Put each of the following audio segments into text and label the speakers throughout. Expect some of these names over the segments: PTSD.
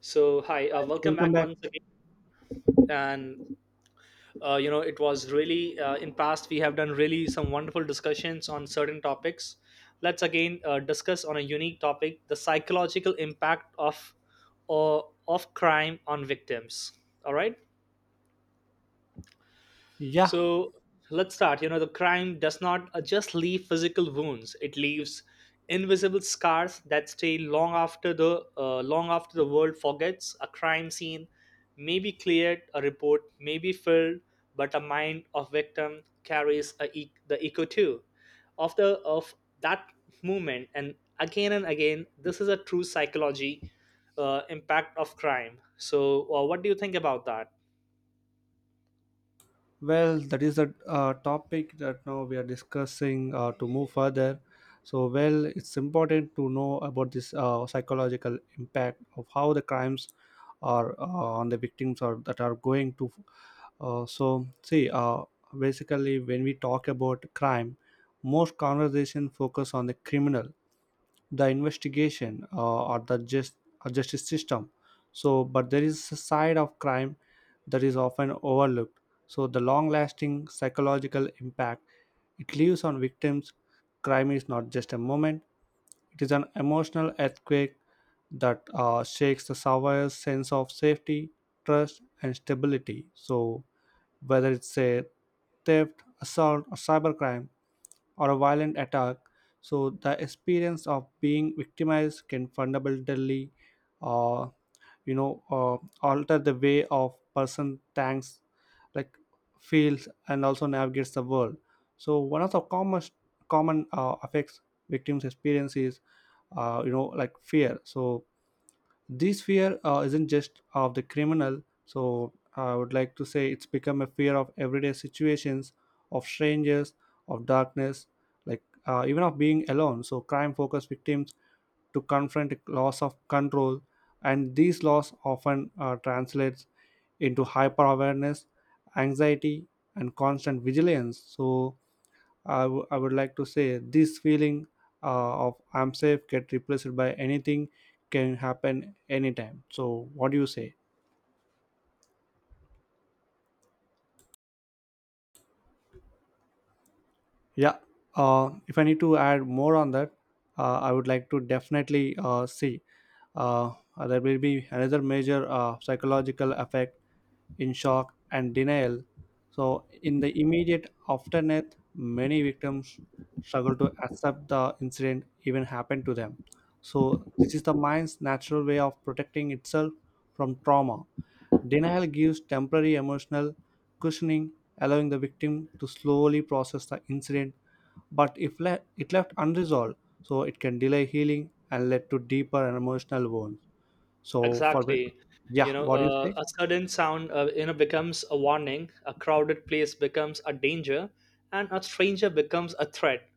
Speaker 1: So hi, welcome
Speaker 2: Welcome
Speaker 1: back
Speaker 2: back.
Speaker 1: once again. And it was really in past we have done really some wonderful discussions on certain topics. Let's again discuss on a unique topic: the psychological impact of crime on victims. All right.
Speaker 2: Yeah,
Speaker 1: So let's start. The crime does not just leave physical wounds; it leaves invisible scars that stay long after the world forgets. A crime scene may be cleared, a report may be filled, but a mind of victim carries the echo too of that movement. And again, this is a true psychology impact of crime. So, what do you think about that?
Speaker 2: well, that is a topic that now we are discussing to move further. So, well, it's important to know about this psychological impact of how the crimes are on the victims or that are going to. Uh, so, see, uh, basically, when we talk about crime, most conversation focus on the criminal the investigation or the just or justice system, so but there is a side of crime that is often overlooked. So the long lasting psychological impact it leaves on victims. Crime is not just a moment, it is an emotional earthquake that shakes the survivor's sense of safety, trust and stability. So whether it's a theft, assault or cybercrime or a violent attack. So the experience of being victimized can fundamentally, uh, you know, uh, alter the way of person thinks, like feels, and also navigates the world. So one of the common effects victims experience is, like fear. So this fear isn't just of the criminal, so I would like to say it's become a fear of everyday situations, of strangers, of darkness, like even of being alone. So crime focused victims to confront a loss of control, and these loss often translates into hyper awareness, anxiety and constant vigilance. So I would like to say this feeling of I'm safe get replaced by anything can happen anytime. So what do you say? Yeah. If I need to add more on that, I would like to definitely see. Uh, there will be another major psychological effect in shock and denial. So, in the immediate aftermath, many victims struggle to accept the incident even happened to them. So, this is the mind's natural way of protecting itself from trauma. Denial gives temporary emotional cushioning, allowing the victim to slowly process the incident. But if it left unresolved, so it can delay healing and lead to deeper and emotional wounds. So, for
Speaker 1: Exactly. You
Speaker 2: yeah,
Speaker 1: know,
Speaker 2: what do you
Speaker 1: uh,
Speaker 2: say?
Speaker 1: a sudden sound, becomes a warning. A crowded place becomes a danger, and a stranger becomes a threat.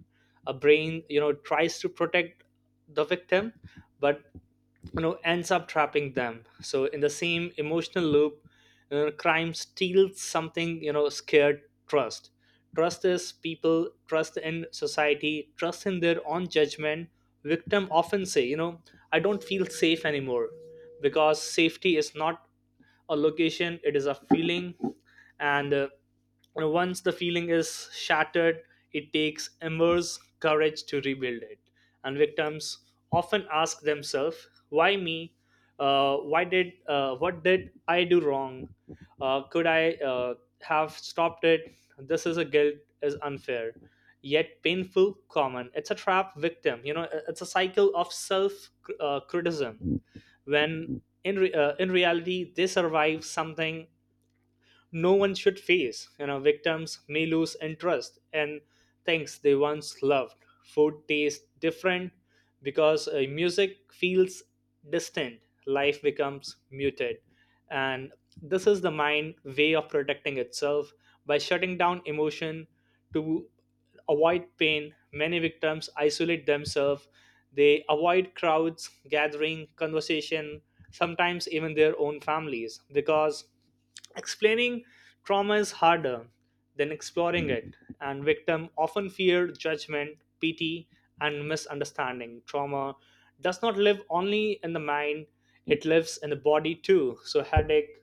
Speaker 1: A brain, tries to protect the victim, but ends up trapping them so in the same emotional loop. Crime steals something, scared trust. Trust is people, trust in society, trust in their own judgment. Victim often say, I don't feel safe anymore, because safety is not a location; it is a feeling. And once the feeling is shattered, it takes immense courage to rebuild it. And victims often ask themselves, "Why me? Why did? What did I do wrong? Could I have stopped it? This is a guilt is unfair." Yet painful, common. It's a trap victim. It's a cycle of self criticism when in reality they survive something no one should face. You know, victims may lose interest in things they once loved. Food tastes different because music feels distant. Life becomes muted, and this is the mind way of protecting itself by shutting down emotion to avoid pain. Many victims isolate themselves. They avoid crowds, gathering, conversation, sometimes even their own families, because explaining trauma is harder than exploring it, and victims often fear judgment, pity, and misunderstanding. Trauma does not live only in the mind; it lives in the body too. So, headache,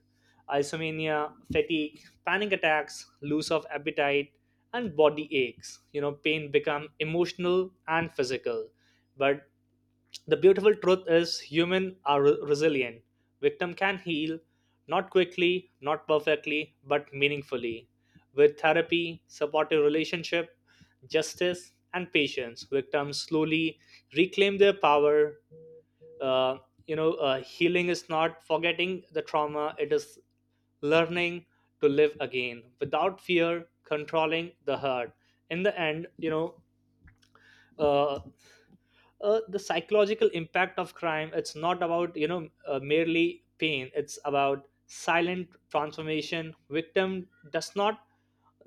Speaker 1: insomnia, fatigue, panic attacks, loss of appetite, and body aches. You know, pain become emotional and physical. But the beautiful truth is human are resilient. Victim can heal, not quickly, not perfectly, but meaningfully. With therapy, supportive relationship, justice, and patience, victims slowly reclaim their power. Uh, healing is not forgetting the trauma; it is learning to live again without fear, controlling the hurt. In the end, uh, the psychological impact of crime, it's not about, merely pain. It's about silent transformation. Victim does not,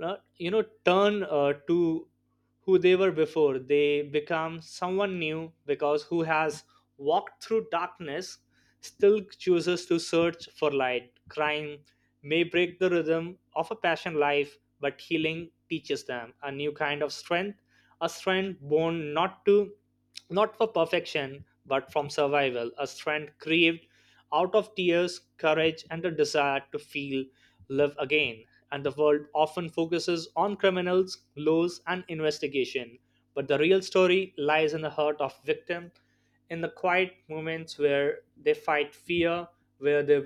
Speaker 1: turn to who they were before. They become someone new because who has walked through darkness still chooses to search for light. Crime may break the rhythm of a passion life, but healing teaches them a new kind of strength, a strength born, not for perfection but from survival, a strength craved out of tears, courage, and the desire to feel, live again. And the world often focuses on criminals, laws, and investigation. But the real story lies in the heart of victim, in the quiet moments where they fight fear, where they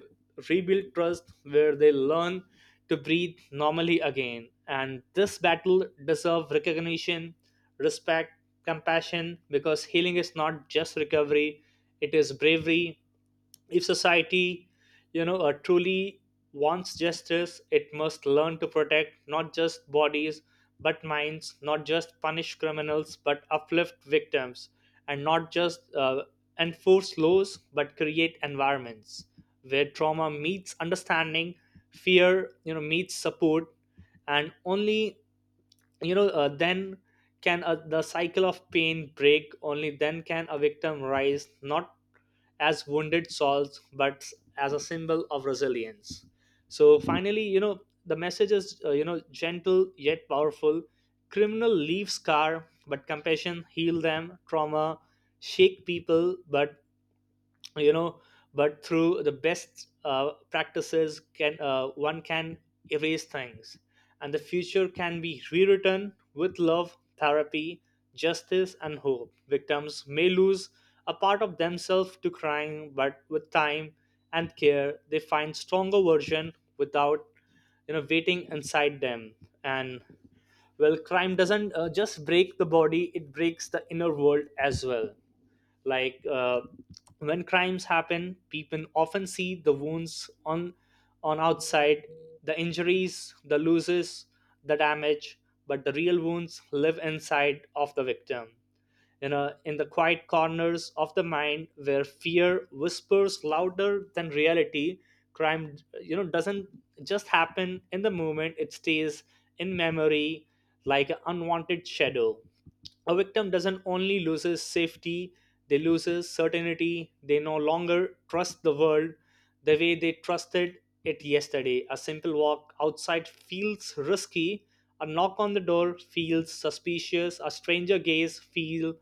Speaker 1: rebuild trust, where they learn to breathe normally again. And this battle deserves recognition, respect, compassion, because healing is not just recovery, it is bravery. If society, a truly wants justice, it must learn to protect not just bodies but minds, not just punish criminals but uplift victims, and not just enforce laws but create environments where trauma meets understanding, fear, meets support, and only, then can, the cycle of pain break. Only then can a victim rise, not as wounded souls but as a symbol of resilience. So finally, the message is, gentle yet powerful. Criminal leave scar, but compassion heal them. Trauma shake people. But you know but through the best practices can, one can erase things. And the future can be rewritten with love, therapy, justice, and hope. Victims may lose a part of themselves to crime, but with time and care they find stronger version without, waiting inside them. And well, crime doesn't just break the body; it breaks the inner world as well. Like when crimes happen, people often see the wounds on outside: the injuries, the losses, the damage. But the real wounds live inside of the victim, in the quiet corners of the mind where fear whispers louder than reality. Crime doesn't just happen in the moment; it stays in memory like an unwanted shadow. A victim doesn't only loses safety; they loses certainty. They no longer trust the world the way they trusted it yesterday. A simple walk outside feels risky, a knock on the door feels suspicious, a stranger gaze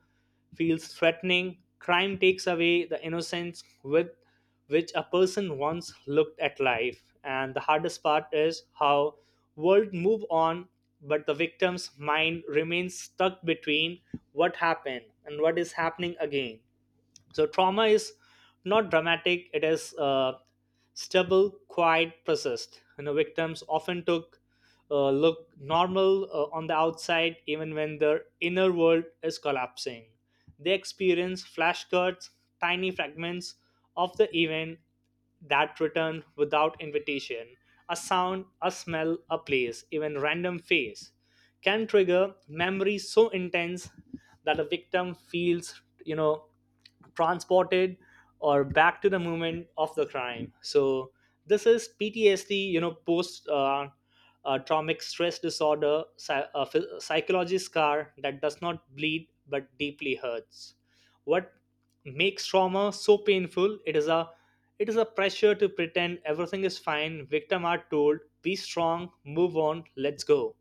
Speaker 1: feels threatening. Crime takes away the innocence with which a person once looked at life, and the hardest part is how world move on, but the victim's mind remains stuck between what happened and what is happening again. So trauma is not dramatic; it is stable, quiet, persist. You know, victims often took look normal on the outside, even when their inner world is collapsing. They experience flashcards, tiny fragments of the event that return without invitation. A sound, a smell, a place, even random face can trigger memories so intense that a victim feels, transported or back to the moment of the crime. So this is PTSD, post traumatic stress disorder, psychology scar that does not bleed but deeply hurts. What makes trauma so painful? It is a pressure to pretend everything is fine. Victim are told, "Be strong, move on, let's go."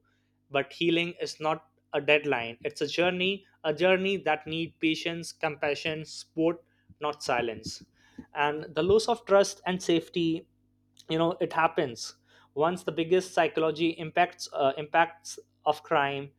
Speaker 1: But healing is not a deadline; it's a journey, a journey that need patience, compassion, support, not silence. And the loss of trust and safety, it happens once. The biggest psychology impacts of crime,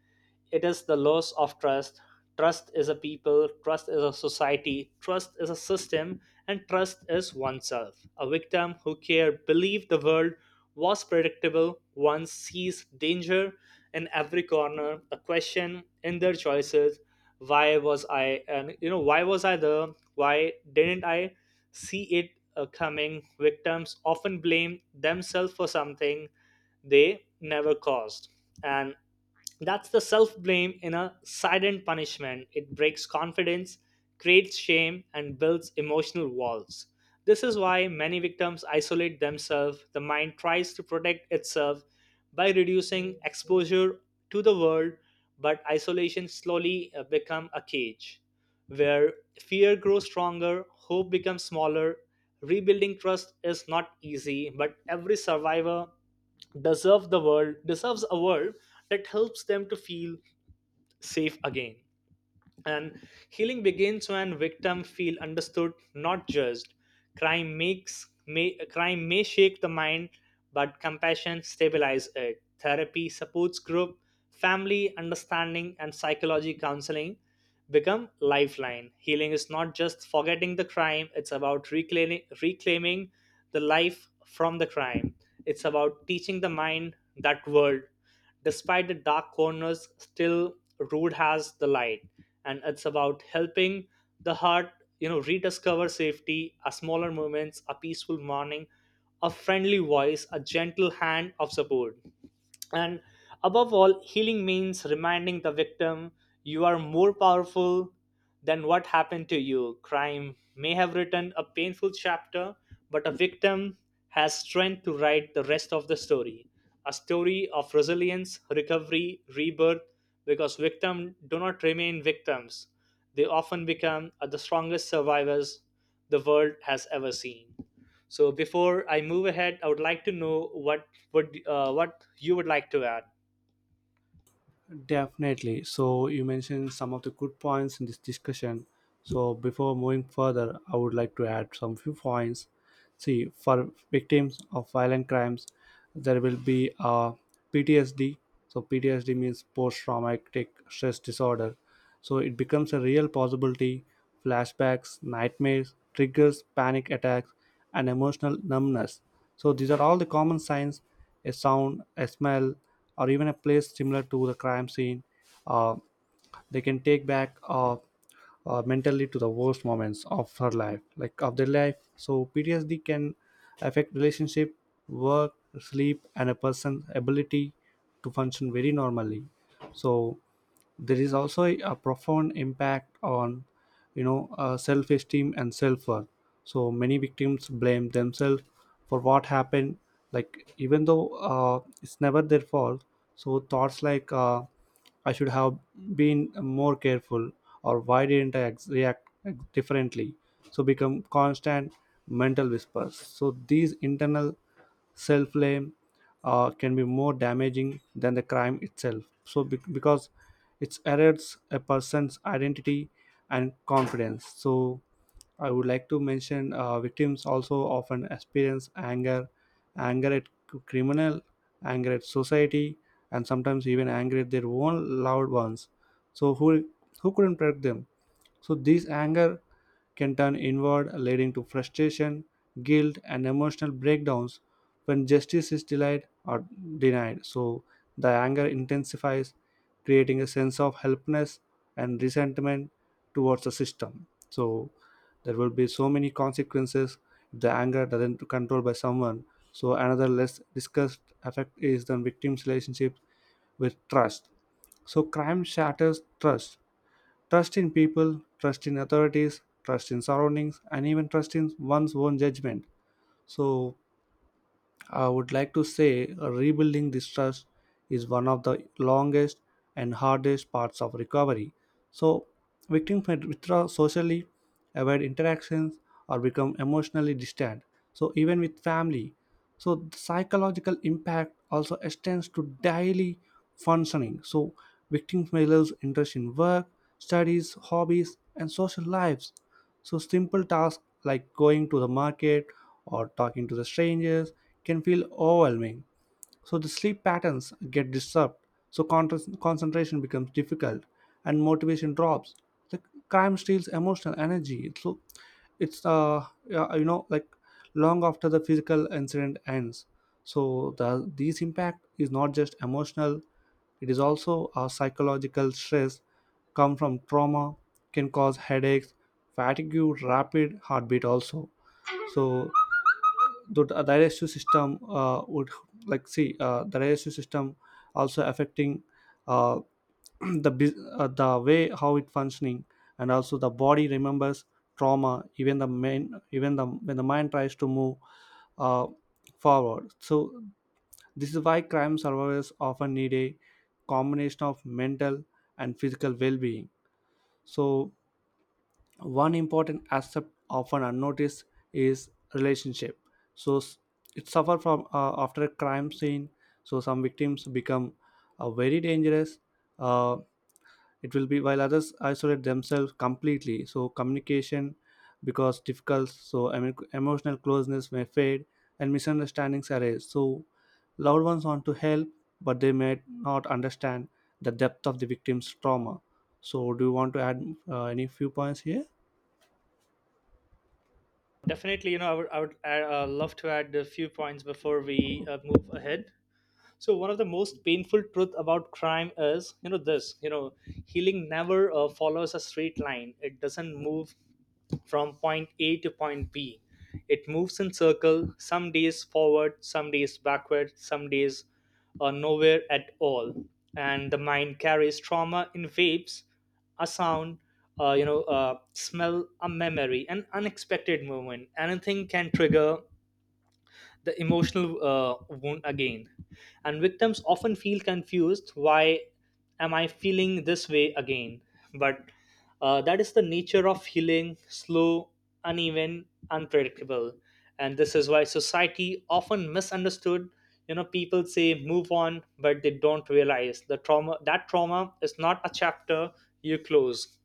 Speaker 1: it is the loss of trust. Trust is a people, trust is a society, trust is a system, and trust is oneself. A victim who care believe the world was predictable once sees danger in every corner, a question in their choices: why was I, and, why was I there, why didn't I see it, coming? Victims often blame themselves for something they never caused, and that's the self blame in a silent punishment. It breaks confidence, creates shame, and builds emotional walls. This is why many victims isolate themselves. The mind tries to protect itself by reducing exposure to the world, but isolation slowly become a cage where fear grows stronger, hope becomes smaller. Rebuilding trust is not easy, but every survivor deserve the world deserves a world that helps them to feel safe again. And healing begins when victims feel understood, not judged. Crime may shake the mind, but compassion stabilizes it. Therapy, supports group, family understanding, and psychology counseling become lifeline. Healing is not just forgetting the crime; it's about reclaiming the life from the crime. It's about teaching the mind that world, despite the dark corners, still rude has the light. And it's about helping the heart, rediscover safety, a smaller moments, a peaceful morning, a friendly voice, a gentle hand of support. And above all, healing means reminding the victim: you are more powerful than what happened to you. Crime may have written a painful chapter, but a victim has strength to write the rest of the story. A story of resilience, recovery, rebirth, because victims do not remain victims. They often become the strongest survivors the world has ever seen. So before I move ahead, I would like to know what would, what you would like to add.
Speaker 2: Definitely. So you mentioned some of the good points in this discussion. So before moving further, I would like to add some few points. See, for victims of violent crimes, there will be a PTSD. So PTSD means post-traumatic stress disorder. So it becomes a real possibility. Flashbacks, nightmares, triggers, panic attacks, and emotional numbness. So these are all the common signs. A sound, a smell, or even a place similar to the crime scene. Uh, they can take back mentally to the worst moments of her life, like of their life. So PTSD can affect relationship, work, sleep and a person's ability to function very normally. So there is also a profound impact on, you know, self-esteem and self-worth. So many victims blame themselves for what happened, like even though it's never their fault. So thoughts like I should have been more careful or why didn't I react differently, so become constant mental whispers. So these internal self blame can be more damaging than the crime itself. So, because it erodes a person's identity and confidence. So, I would like to mention victims also often experience anger, anger at criminal, anger at society, and sometimes even anger at their own loved ones. So, who couldn't protect them? So, this anger can turn inward, leading to frustration, guilt, and emotional breakdowns when justice is delayed or denied. So the anger intensifies, creating a sense of helplessness and resentment towards the system. So there will be so many consequences if the anger doesn't control by someone. So another less discussed effect is the victim's relationship with trust. So crime shatters trust. Trust in people, trust in authorities, trust in surroundings, and even trust in one's own judgment. So, I would like to say rebuilding this trust is one of the longest and hardest parts of recovery. So, victims may withdraw socially, avoid interactions, or become emotionally distant. So, even with family. So, the psychological impact also extends to daily functioning. So, victims may lose interest in work, studies, hobbies, and social lives. So, simple tasks like going to the market or talking to the strangers can feel overwhelming. So the sleep patterns get disturbed. So concentration becomes difficult, and motivation drops. The crime steals emotional energy. So it's yeah, you know, like long after the physical incident ends. So these impact is not just emotional; it is also a psychological stress. Come from trauma can cause headaches, fatigue, rapid heartbeat also. So the RSU system would like see the RSU system also affecting uh, the way how it functioning, and also the body remembers trauma even the main even the when the mind tries to move uh, forward. So this is why crime survivors often need a combination of mental and physical well-being. So one important aspect often unnoticed is relationship. So it suffer from after a crime scene. So some victims become very dangerous, uh, it will be, while others isolate themselves completely. So communication because difficult, so emotional closeness may fade and misunderstandings arise. So loved ones want to help but they may not understand the depth of the victim's trauma. So do you want to add any few points here?
Speaker 1: Definitely, I would love to add a few points before we move ahead. So one of the most painful truth about crime is, this, healing never follows a straight line. It doesn't move from point A to point B. It moves in circle, some days forward, some days backward, some days nowhere at all. And the mind carries trauma in waves, a sound, smell, a memory, an unexpected movement. Anything can trigger the emotional wound again. And victims often feel confused: why am I feeling this way again? But that is the nature of healing: slow, uneven, unpredictable. And this is why society often misunderstood. You know, people say move on, but they don't realize the trauma. That trauma is not a chapter you close.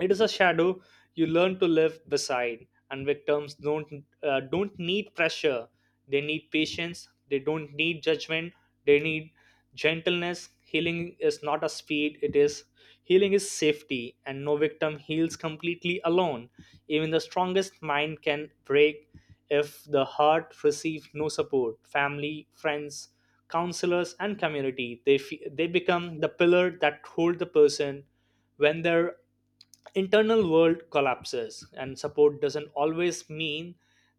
Speaker 1: It is a shadow you learn to live beside, and victims don't need pressure. They need patience. They don't need judgment. They need gentleness. Healing is not a speed. It is Healing is safety, and no victim heals completely alone. Even the strongest mind can break if the heart receives no support. Family, friends, counselors, and community, they become the pillar that hold the person when their internal world collapses. And support doesn't always mean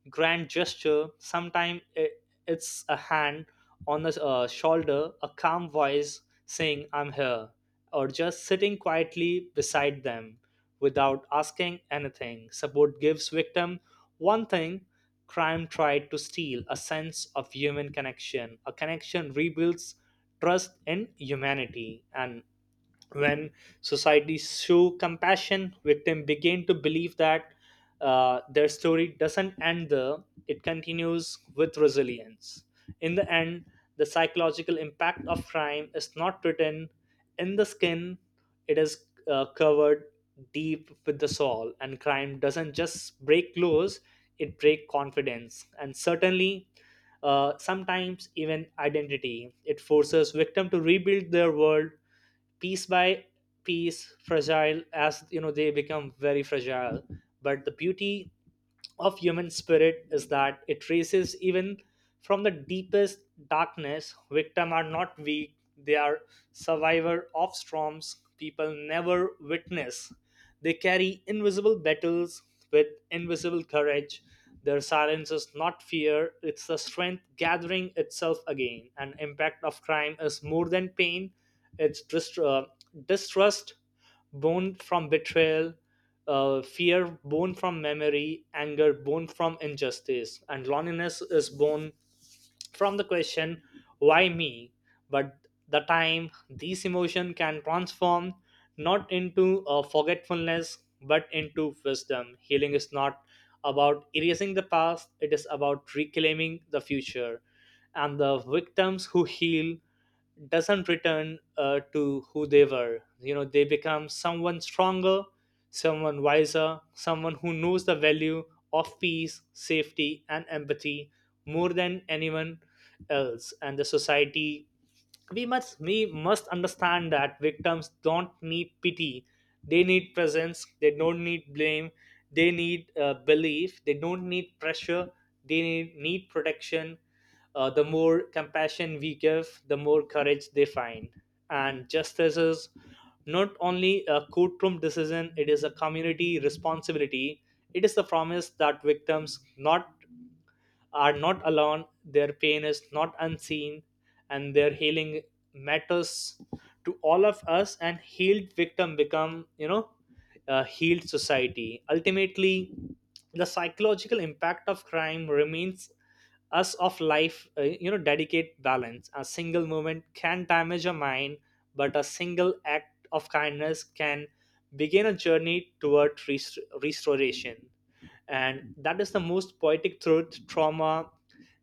Speaker 1: grand gesture. Sometimes it's a hand on the shoulder, a calm voice saying I'm here, or just sitting quietly beside them without asking anything. Support gives victim one thing crime tried to steal: a sense of human connection. A connection rebuilds trust in humanity. And when society show compassion, victim begin to believe that their story doesn't end there. It continues with resilience. In the end, the psychological impact of crime is not written in the skin. It is covered deep with the soul. And crime doesn't just break laws, it break confidence and certainly sometimes even identity. It forces victim to rebuild their world piece by piece. Fragile, as you know, they become very fragile. But the beauty of human spirit is that it traces even from the deepest darkness. Victims are not weak, they are survivor of storms people never witness. They carry invisible battles with invisible courage. Their silence is not fear, it's the strength gathering itself again. An impact of crime is more than pain. It's distrust born from betrayal, fear born from memory, anger born from injustice, and loneliness is born from the question, why me? But the time these emotion can transform not into forgetfulness but into wisdom. Healing is not about erasing the past, it is about reclaiming the future. And the victims who heal doesn't return to who they were. You know, they become someone stronger, someone wiser, someone who knows the value of peace, safety, and empathy more than anyone else. And the society, we must understand that victims don't need pity, they need presence. They don't need blame, they need belief. They don't need pressure, they need protection. The more compassion we give, the more courage they find. And justice is not only a courtroom decision, it is a community responsibility. It is the promise that victims not are not alone, their pain is not unseen, and their healing matters to all of us. And healed victim become, you know, a healed society. Ultimately, the psychological impact of crime remains us of life you know, dedicate balance. A single moment can damage a mind, but a single act of kindness can begin a journey toward restoration. And that is the most poetic truth. Trauma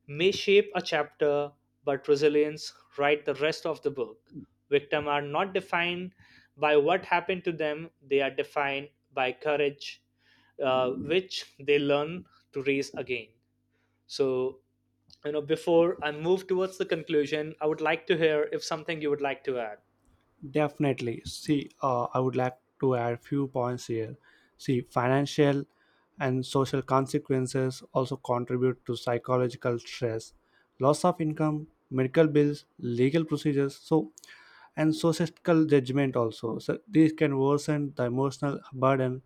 Speaker 1: may shape a chapter, but resilience write the rest of the book. Victims are not defined by what happened to them, they are defined by courage, which they learn to raise again. So, you know, before I move towards the conclusion, I would like to hear if something you would like to add.
Speaker 2: Definitely. See, I would like to add few points here. See, financial and social consequences also contribute to psychological stress. Loss of income, medical bills, legal procedures, so and societal judgment also. So these can worsen the emotional burden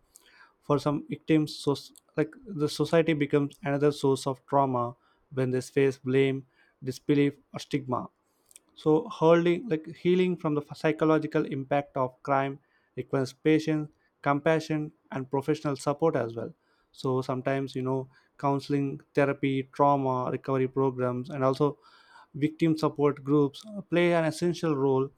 Speaker 2: for some victims. So like the society becomes another source of trauma when they face blame, disbelief, or stigma. So holding, like healing from the psychological impact of crime requires patience, compassion and professional support as well. So sometimes, you know, counseling, therapy, trauma recovery programs and also victim support groups play an essential role.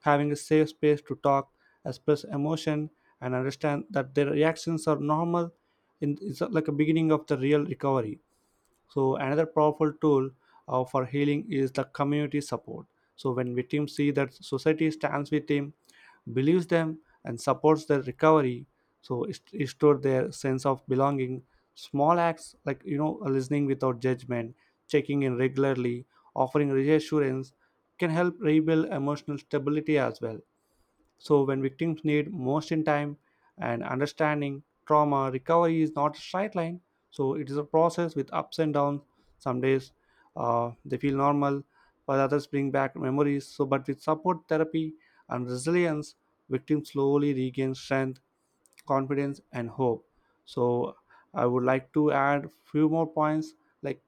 Speaker 2: Having a safe space to talk, express emotion, and understand that their reactions are normal in, is like a beginning of the real recovery. So another powerful tool for healing is the community support. So when victims see that society stands with them, believes them, and supports their recovery, so it restores their sense of belonging. Small acts like, you know, listening without judgment, checking in regularly, offering reassurance can help rebuild emotional stability as well. So, when victims need most in time and understanding, trauma recovery is not a straight line. So, it is a process with ups and downs. Some days they feel normal, while others bring back memories. So, but with support, therapy and resilience, victims slowly regain strength, confidence, and hope. So, I would like to add few more points like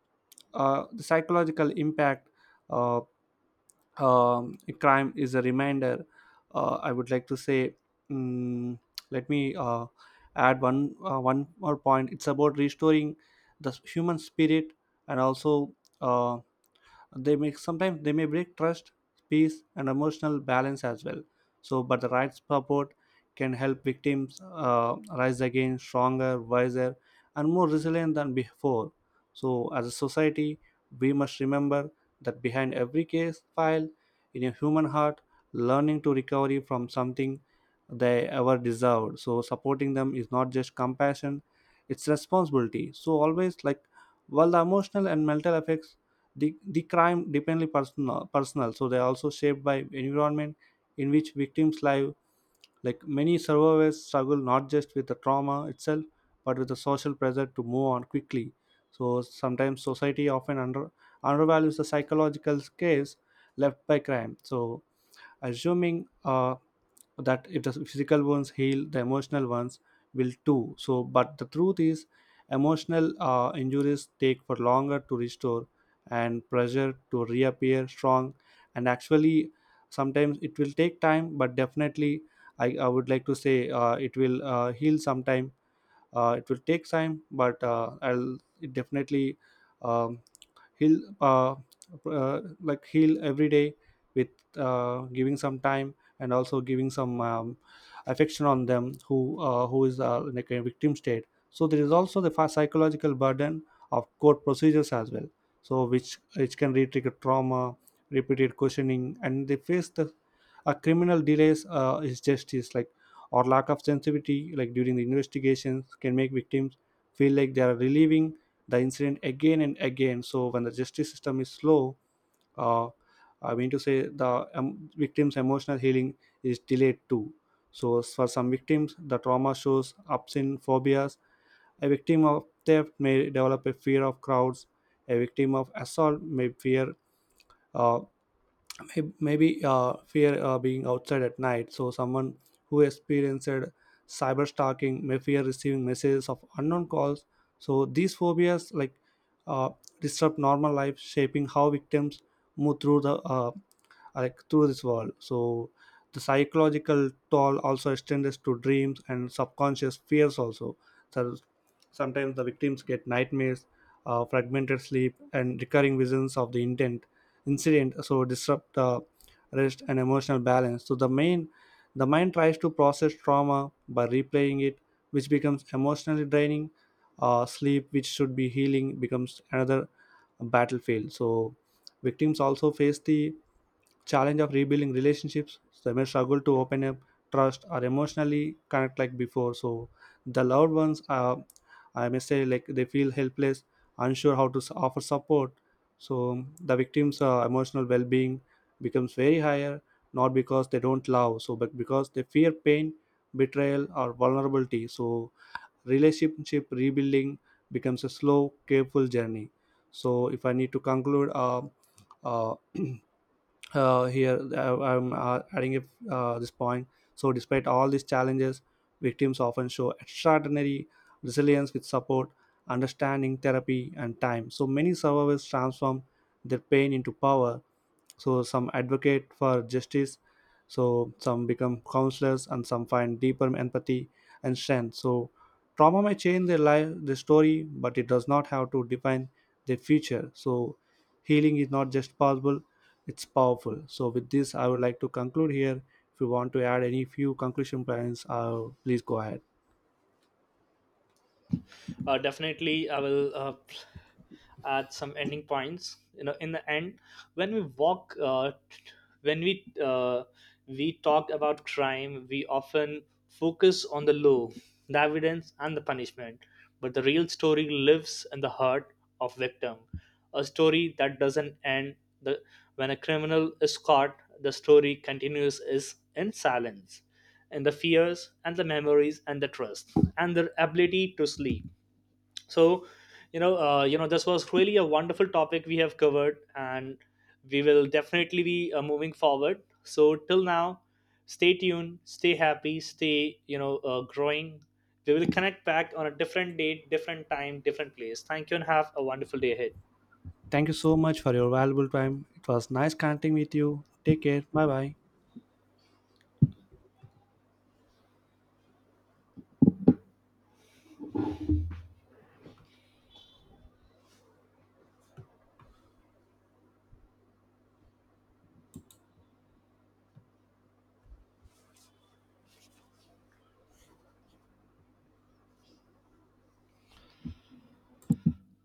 Speaker 2: the psychological impact. Uh, crime is a reminder. I would like to say, mm let me add one more point. It's about restoring the human spirit and also. Uh, they may sometimes they may break trust, peace and emotional balance as well. So but the right support can help victims rise again stronger, wiser and more resilient than before. So as a society we must remember that behind every case file in a human heart learning to recovery from something they ever deserved. So supporting them is not just compassion, it's responsibility. So always, like while the emotional and mental effects the crime dependently personal, so they are also shaped by environment in which victims live. Like many survivors struggle not just with the trauma itself, but with the social pressure to move on quickly. So sometimes society often undervalues the psychological scars left by crime. So assuming that if the physical ones heal the emotional ones will too. So but the truth is emotional injuries take for longer to restore and pressure to reappear strong. And actually sometimes it will take time but definitely I would like to say it will heal sometime. It will take time but I'll it definitely um, heal like heal every day with giving some time, and also giving some affection on them who is like a victim state. So there is also the psychological burden of court procedures as well. So which can re-trigger trauma, repeated questioning, and they face the a criminal delays is justice, like or lack of sensitivity like during the investigations, can make victims feel like they are relieving the incident again and again. So when the justice system is slow, uh, I mean to say the victim's emotional healing is delayed too. So for some victims the trauma shows ups in phobias. A victim of theft may develop a fear of crowds, a victim of assault may fear uh, may- maybe fear being outside at night. So someone who experienced cyber stalking may fear receiving messages of unknown calls. So these phobias, like uh, disrupt normal life, shaping how victims move through the like through this wall. So the psychological toll also extends to dreams and subconscious fears also. So sometimes the victims get nightmares, fragmented sleep and recurring visions of the intent incident, so disrupt the rest and emotional balance. So the mind tries to process trauma by replaying it, which becomes emotionally draining. Sleep, which should be healing, becomes another battlefield. So victims also face the challenge of rebuilding relationships. They may struggle to open up, trust or emotionally connect like before. So the loved ones, I may say, like they feel helpless, unsure how to offer support. So the victims emotional well-being becomes very higher, not because they don't love, so but because they fear pain, betrayal or vulnerability. So relationship rebuilding becomes a slow, careful journey. So if I need to conclude, uh, here I'm adding if, this point. So despite all these challenges, victims often show extraordinary resilience. With support, understanding, therapy and time, so many survivors transform their pain into power. So some advocate for justice, so some become counselors, and some find deeper empathy and strength. So trauma may change their life, their story, but it does not have to define their future. So healing is not just possible, it's powerful. So with this I would like to conclude here. If you want to add any few conclusion points, please go ahead.
Speaker 1: Definitely, I will at some ending points, you know. In the end, when when we uh, we talk about crime, we often focus on the law, the evidence and the punishment, but the real story lives in the heart of victim, a story that doesn't end. The When a criminal is caught, the story continues is in silence, in the fears and the memories and the trust and the ability to sleep. So, you know, this was really a wonderful topic we have covered, and we will definitely be moving forward. So till now, stay tuned, stay happy, stay, you know, growing. We will connect back on a different date, different time, different place. Thank you and have a wonderful day ahead.
Speaker 2: Thank you so much for your valuable time. It was nice connecting with you. Take care. Bye bye.